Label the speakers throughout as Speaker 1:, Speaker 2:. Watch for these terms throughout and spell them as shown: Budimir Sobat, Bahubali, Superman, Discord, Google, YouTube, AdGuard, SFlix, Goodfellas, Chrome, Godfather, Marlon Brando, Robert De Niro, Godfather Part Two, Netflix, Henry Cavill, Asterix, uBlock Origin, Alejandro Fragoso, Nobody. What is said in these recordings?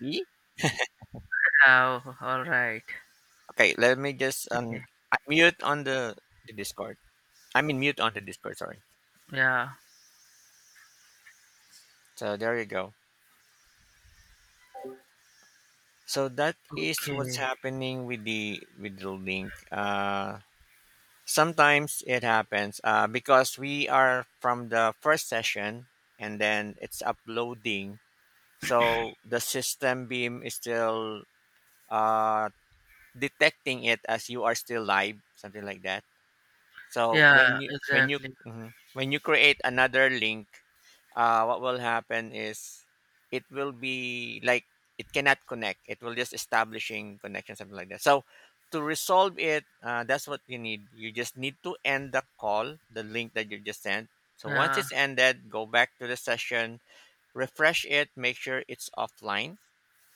Speaker 1: Me?
Speaker 2: Oh, all right.
Speaker 1: Okay, let me just
Speaker 2: Yeah.
Speaker 1: mute on the Discord. I mean, mute on the Discord, sorry.
Speaker 2: Yeah.
Speaker 1: So there you go. So that is what's
Speaker 2: Okay.
Speaker 1: happening with the link. Sometimes it happens because we are from the first session and then it's uploading. So the system beam is still uh detecting it as you are still live, something like that. So when
Speaker 2: Yeah,
Speaker 1: you when you
Speaker 2: exactly.
Speaker 1: mhm, when you create another link, what will happen is it will be like it cannot connect. It will just establishing connection, something like that. So to resolve it, that's what you need. You just need to end the call, the link that you just sent. So once
Speaker 2: Yeah.
Speaker 1: it's ended, go back to the session, refresh it, make sure it's offline,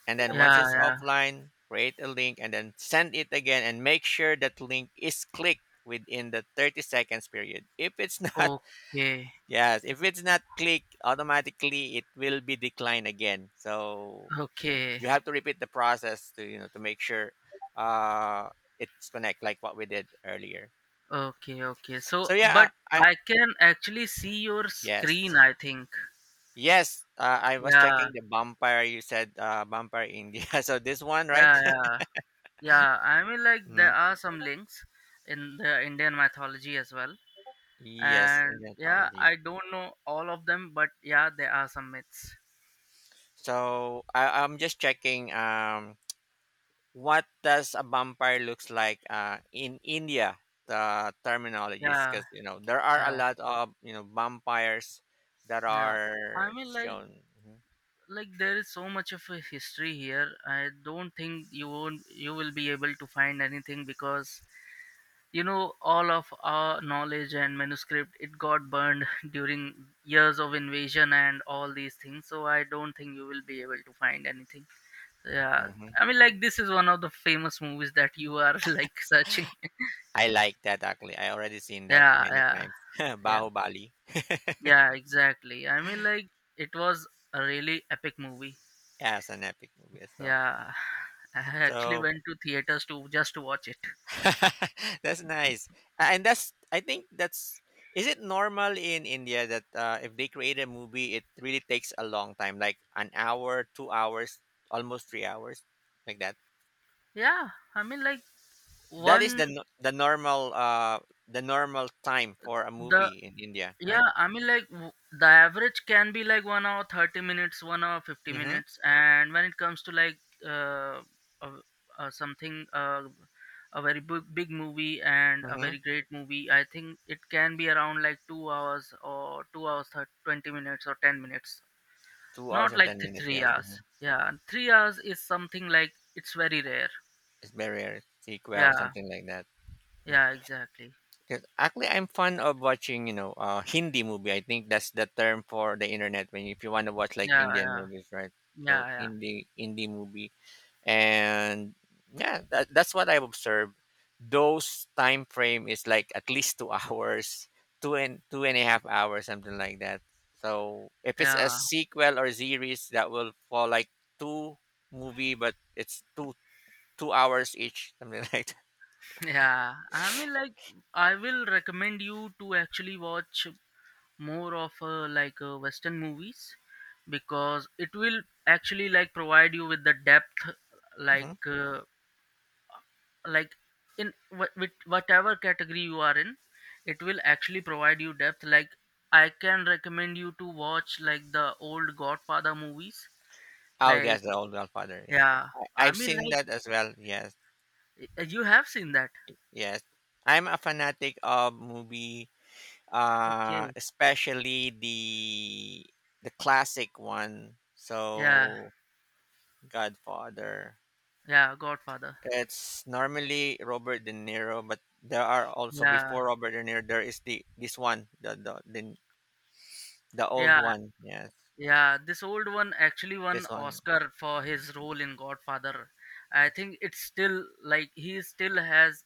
Speaker 1: and then once
Speaker 2: Yeah,
Speaker 1: it's
Speaker 2: yeah.
Speaker 1: offline create a link and then send it again and make sure that link is clicked within the 30 seconds period. If it's not,
Speaker 2: Okay.
Speaker 1: yes, if it's not clicked automatically it will be declined again, so
Speaker 2: Okay.
Speaker 1: you have to repeat the process to you know to make sure uh it's connect like what we did earlier.
Speaker 2: Okay, okay. So,
Speaker 1: So yeah,
Speaker 2: but
Speaker 1: I.
Speaker 2: I can actually see your
Speaker 1: Yes.
Speaker 2: screen, I think.
Speaker 1: Yes, I was
Speaker 2: Yeah.
Speaker 1: checking the vampire. You said vampire India, so this one, right?
Speaker 2: Yeah, yeah. Yeah, I mean like there
Speaker 1: Mhm.
Speaker 2: are some links in the Indian mythology as well.
Speaker 1: Yes,
Speaker 2: And
Speaker 1: Indian
Speaker 2: yeah,
Speaker 1: mythology.
Speaker 2: I don't know all of them, but yeah, there are some myths.
Speaker 1: So I'm just checking, what does a vampire looks like, in India, the terminologies,
Speaker 2: Yeah,
Speaker 1: because there are a
Speaker 2: yeah,
Speaker 1: lot of, you know, vampires that
Speaker 2: yeah. I
Speaker 1: are
Speaker 2: mean like
Speaker 1: shown. Mhm.
Speaker 2: there is so much of a history here, I don't think you won't you will be able to find anything because all of our knowledge and manuscript it got burned during years of invasion and all these things, so I don't think you will be able to find anything. Yeah,
Speaker 1: Mhm.
Speaker 2: I mean like this is one of the famous movies that you are like searching.
Speaker 1: I like that actually. I already seen that
Speaker 2: Yeah,
Speaker 1: many
Speaker 2: yeah,
Speaker 1: times.
Speaker 2: yeah,
Speaker 1: Bahubali,
Speaker 2: yeah, exactly, I mean like it was a really epic movie.
Speaker 1: yeah, it's an epic movie as well.
Speaker 2: Yeah, I actually
Speaker 1: So
Speaker 2: went to theaters to just to watch it.
Speaker 1: that's nice. A- And that's I think that's is it normal in India that, if they create a movie, it really takes a long time, like an hour, 2 hours, almost 3 hours, like that?
Speaker 2: Yeah, I mean like
Speaker 1: That is
Speaker 2: one
Speaker 1: the no- the normal time for a
Speaker 2: the
Speaker 1: movie in India, right?
Speaker 2: yeah, I mean like the average can be like 1 hour 30 minutes, 1 hour fifty
Speaker 1: Mm-hmm.
Speaker 2: minutes, and when it comes to like uh, uh, something, a very big big movie and a
Speaker 1: Mm-hmm.
Speaker 2: very great movie, I think it can be around like 2 hours or 2 hours 20 minutes or 10 minutes,
Speaker 1: 2 hours
Speaker 2: not
Speaker 1: and
Speaker 2: like
Speaker 1: ten
Speaker 2: the
Speaker 1: minutes.
Speaker 2: three
Speaker 1: Yes.
Speaker 2: hours.
Speaker 1: Hmm.
Speaker 2: Yeah, 3 hours is something like it's very rare.
Speaker 1: It's very rare. Sequel,
Speaker 2: Yeah,
Speaker 1: something like that.
Speaker 2: yeah, exactly.
Speaker 1: Yes, actually, I'm fond of watching, you know, Hindi movie. I think that's the term for the internet when if you want to watch like
Speaker 2: Yeah,
Speaker 1: Indian
Speaker 2: yeah,
Speaker 1: movies, right? So
Speaker 2: yeah, yeah,
Speaker 1: Hindi movie, and yeah, that's what I've observed. Those time frame is like at least two hours, two and a half hours, something like that. So if it's a
Speaker 2: yeah,
Speaker 1: sequel or series, that will fall like two movie, but it's two hours each, something like that.
Speaker 2: yeah. I mean, like, I will recommend you to actually watch more of like Western movies because it will actually like provide you with the depth, like,
Speaker 1: Mm-hmm.
Speaker 2: uh, like with whatever category you are in, it will actually provide you depth. Like, I can recommend you to watch like the old Godfather movies,
Speaker 1: Oh,
Speaker 2: like,
Speaker 1: yes, the old Godfather. Yes,
Speaker 2: yeah.
Speaker 1: I,
Speaker 2: I
Speaker 1: I've
Speaker 2: mean,
Speaker 1: seen
Speaker 2: like.
Speaker 1: that as well. Yes,
Speaker 2: You have seen that.
Speaker 1: yes. I'm a fanatic of movie,
Speaker 2: Okay.
Speaker 1: especially the classic one.
Speaker 2: Yeah.
Speaker 1: So Godfather.
Speaker 2: Yeah. Godfather.
Speaker 1: It's normally Robert De Niro, but there are also,
Speaker 2: Yeah.
Speaker 1: before Robert De Niro, there is the this one, the old
Speaker 2: Yeah.
Speaker 1: one. Yes,
Speaker 2: Yeah. This old one actually won
Speaker 1: this one.
Speaker 2: Oscar for his role in Godfather. I
Speaker 1: Yes.
Speaker 2: think it's still like he still has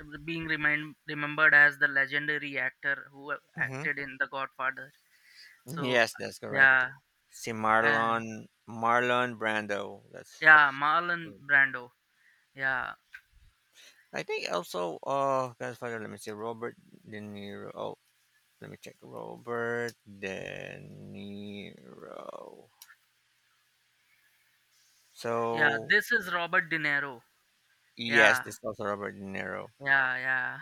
Speaker 2: being remembered as the legendary actor who
Speaker 1: Mhm.
Speaker 2: acted in The Godfather. So
Speaker 1: Yes, that's correct.
Speaker 2: yeah.
Speaker 1: See,
Speaker 2: And
Speaker 1: Marlon Brando.
Speaker 2: yeah,
Speaker 1: That's,
Speaker 2: Marlon Brando. Yeah.
Speaker 1: I think, also Godfather. Let me see Robert De Niro. Oh, let me check Robert De Niro.
Speaker 2: Yeah.
Speaker 1: So
Speaker 2: This is Robert De Niro.
Speaker 1: yes,
Speaker 2: Yeah.
Speaker 1: this is also Robert De Niro.
Speaker 2: Yeah. Yeah.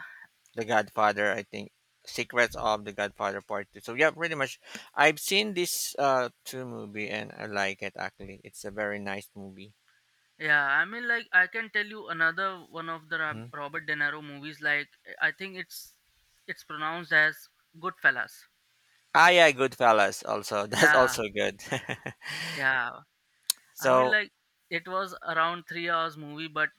Speaker 1: The Godfather. I think Secrets of the Godfather Part Two. So yeah, pretty much. I've seen this two movie and I like it actually. It's a very nice movie.
Speaker 2: Yeah, I mean, like I can tell you another one of the
Speaker 1: Mm-hmm.
Speaker 2: Robert De Niro movies. Like I think it's pronounced as Goodfellas.
Speaker 1: Ah, yeah, Goodfellas also. That's
Speaker 2: Yeah,
Speaker 1: also good.
Speaker 2: yeah. I mean,
Speaker 1: So,
Speaker 2: like it was around 3 hours movie, but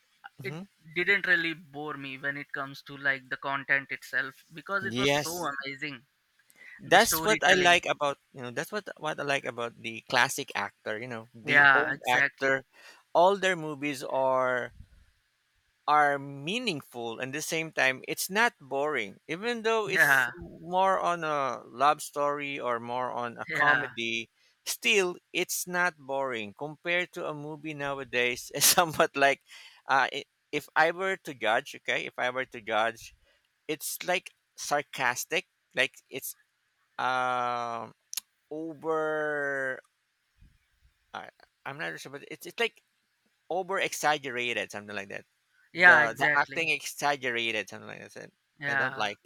Speaker 2: it
Speaker 1: mhm,
Speaker 2: didn't really bore me when it comes to like the content itself because it was so
Speaker 1: yes,
Speaker 2: amazing. The
Speaker 1: that's what I
Speaker 2: storytelling.
Speaker 1: like about, that's what I like about the classic actor. You know, the
Speaker 2: Yeah,
Speaker 1: old
Speaker 2: exactly.
Speaker 1: actor, all their movies are meaningful, and at the same time it's not boring, even though it's
Speaker 2: Yeah,
Speaker 1: more on a love story or more on a
Speaker 2: yeah,
Speaker 1: comedy. Still it's not boring compared to a movie nowadays. It's somewhat like, uh, i- if I were to judge, okay, if I were to judge it's like sarcastic. Like, it's um over, uh, I'm not sure, but it's like over exaggerated, something like that.
Speaker 2: yeah,
Speaker 1: The
Speaker 2: exactly.
Speaker 1: acting exaggerated, something like that. I don't
Speaker 2: Yeah.
Speaker 1: like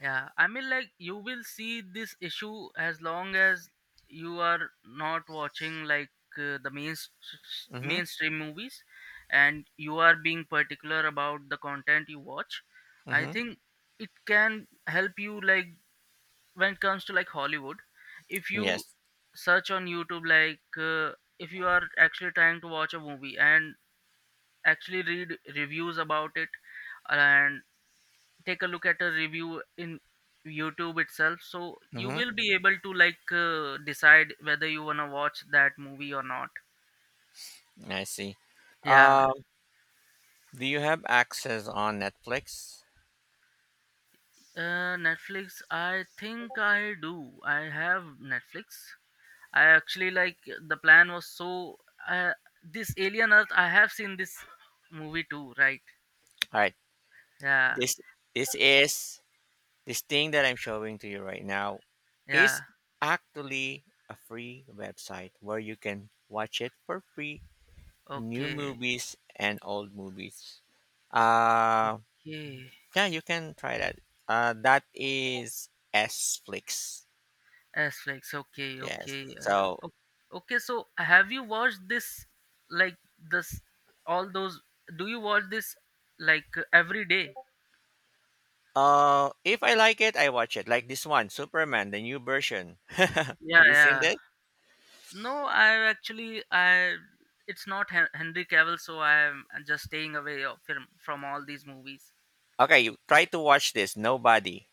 Speaker 2: Yeah, I mean, like, you will see this issue as long as you are not watching like the
Speaker 1: that. Mm-hmm.
Speaker 2: mainstream movies, and you are being particular about the content you watch. I
Speaker 1: Mm-hmm.
Speaker 2: think it can help you like when it comes to like Hollywood. If you
Speaker 1: Yes.
Speaker 2: search on YouTube, like if you are actually trying to watch a movie and actually read reviews about it, and take a look at a review in YouTube itself, so you
Speaker 1: Mm-hmm.
Speaker 2: will be able to like decide whether you want to watch that movie or not.
Speaker 1: I see.
Speaker 2: Yeah.
Speaker 1: Um, do you have access on Netflix?
Speaker 2: Netflix, I think I do. I have Netflix. I actually, like, the plan was, so uh, this Alien Earth, I have seen this movie too, right?
Speaker 1: All right.
Speaker 2: Yeah,
Speaker 1: This this is this thing that I'm showing to you right now
Speaker 2: yeah.
Speaker 1: is actually a free website where you can watch it for free, new
Speaker 2: Okay,
Speaker 1: movies and old movies. Uh
Speaker 2: okay.
Speaker 1: Yeah, you can try that. That is S Flix.
Speaker 2: Asterix. Okay,
Speaker 1: Yes.
Speaker 2: okay.
Speaker 1: So,
Speaker 2: Okay, so have you watched this, like, this, all those, do you watch this, like, every day?
Speaker 1: if I like it, I watch it. Like this one, Superman, the new version. Have
Speaker 2: Yeah,
Speaker 1: you seen
Speaker 2: yeah.
Speaker 1: this?
Speaker 2: No, I actually, I it's not Henry Cavill, so I am just staying away from all these movies.
Speaker 1: Okay, you try to watch this. Nobody,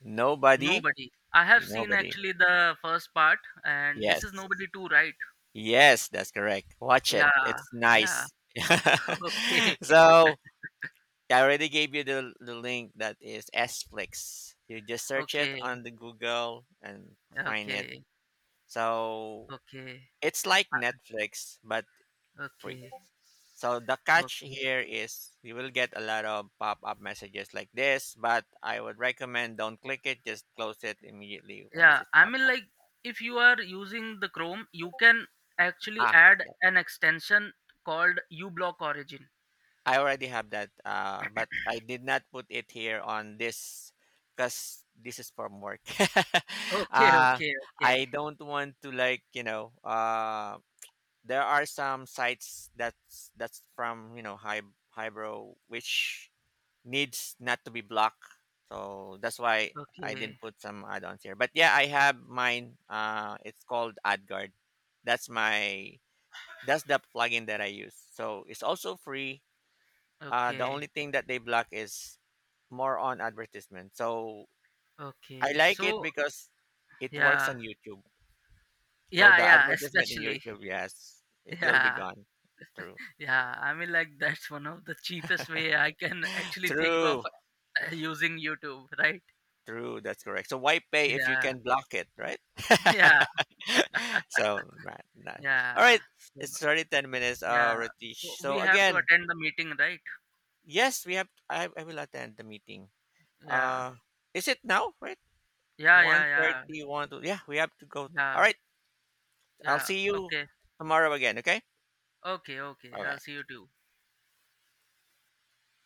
Speaker 1: nobody,
Speaker 2: Nobody. I have seen
Speaker 1: nobody.
Speaker 2: actually the first part, and this is
Speaker 1: Yes,
Speaker 2: Nobody too, right?
Speaker 1: yes, that's correct. Watch it.
Speaker 2: Yeah.
Speaker 1: It's
Speaker 2: Yeah.
Speaker 1: nice.
Speaker 2: Okay.
Speaker 1: So I already gave you the link that is S Flix. You just search it
Speaker 2: Okay.
Speaker 1: on the Google and find it.
Speaker 2: Okay.
Speaker 1: So
Speaker 2: Okay.
Speaker 1: it's like
Speaker 2: uh,
Speaker 1: Netflix but free.
Speaker 2: Okay.
Speaker 1: So the catch
Speaker 2: Okay.
Speaker 1: here is you will get a lot of pop-up messages like this, but I would recommend don't click it, just close it immediately once
Speaker 2: Yeah,
Speaker 1: it
Speaker 2: I
Speaker 1: pop
Speaker 2: mean,
Speaker 1: up.
Speaker 2: like if you are using the Chrome, you can actually
Speaker 1: Ah,
Speaker 2: add
Speaker 1: yeah.
Speaker 2: an extension called uBlock Origin.
Speaker 1: I already have that but I did not put it here on this, cuz this is from work.
Speaker 2: Okay,
Speaker 1: uh
Speaker 2: okay, okay,
Speaker 1: I don't want to, like, you know, there are some sites that's from, you know, highbrow which needs not to be blocked. So that's why I
Speaker 2: okay,
Speaker 1: didn't put some add-ons here. But yeah, I have mine. It's called AdGuard. That's my that's the plugin that I use. So it's also free. The only
Speaker 2: okay,
Speaker 1: thing that they block is more on advertisement. So I
Speaker 2: okay.
Speaker 1: like it
Speaker 2: So
Speaker 1: because it works
Speaker 2: yeah,
Speaker 1: on YouTube. So
Speaker 2: yeah,
Speaker 1: the
Speaker 2: yeah.
Speaker 1: advertisement in
Speaker 2: Especially
Speaker 1: YouTube, yes, it will be
Speaker 2: yeah,
Speaker 1: gone. True.
Speaker 2: yeah. I mean, like that's one of the cheapest way I can actually think of
Speaker 1: True.
Speaker 2: using YouTube, right?
Speaker 1: True, that's correct. So why pay if you
Speaker 2: Yeah,
Speaker 1: can block it, right?
Speaker 2: yeah,
Speaker 1: So, not, not. All
Speaker 2: yeah.
Speaker 1: right.
Speaker 2: So
Speaker 1: It's already 10 minutes,
Speaker 2: yeah, so
Speaker 1: Ratish.
Speaker 2: we
Speaker 1: So
Speaker 2: have to
Speaker 1: again,
Speaker 2: attend the meeting, right?
Speaker 1: yes, we have I will attend the meeting.
Speaker 2: Yeah,
Speaker 1: Uh is it now, right?
Speaker 2: yeah, yeah,
Speaker 1: One
Speaker 2: yeah,
Speaker 1: thirty one to, yeah, we have to go. All
Speaker 2: yeah.
Speaker 1: right. I'll
Speaker 2: Yeah.
Speaker 1: see you
Speaker 2: Okay.
Speaker 1: tomorrow again, okay?
Speaker 2: Okay. Okay.
Speaker 1: Bye
Speaker 2: I'll
Speaker 1: bye.
Speaker 2: see you too.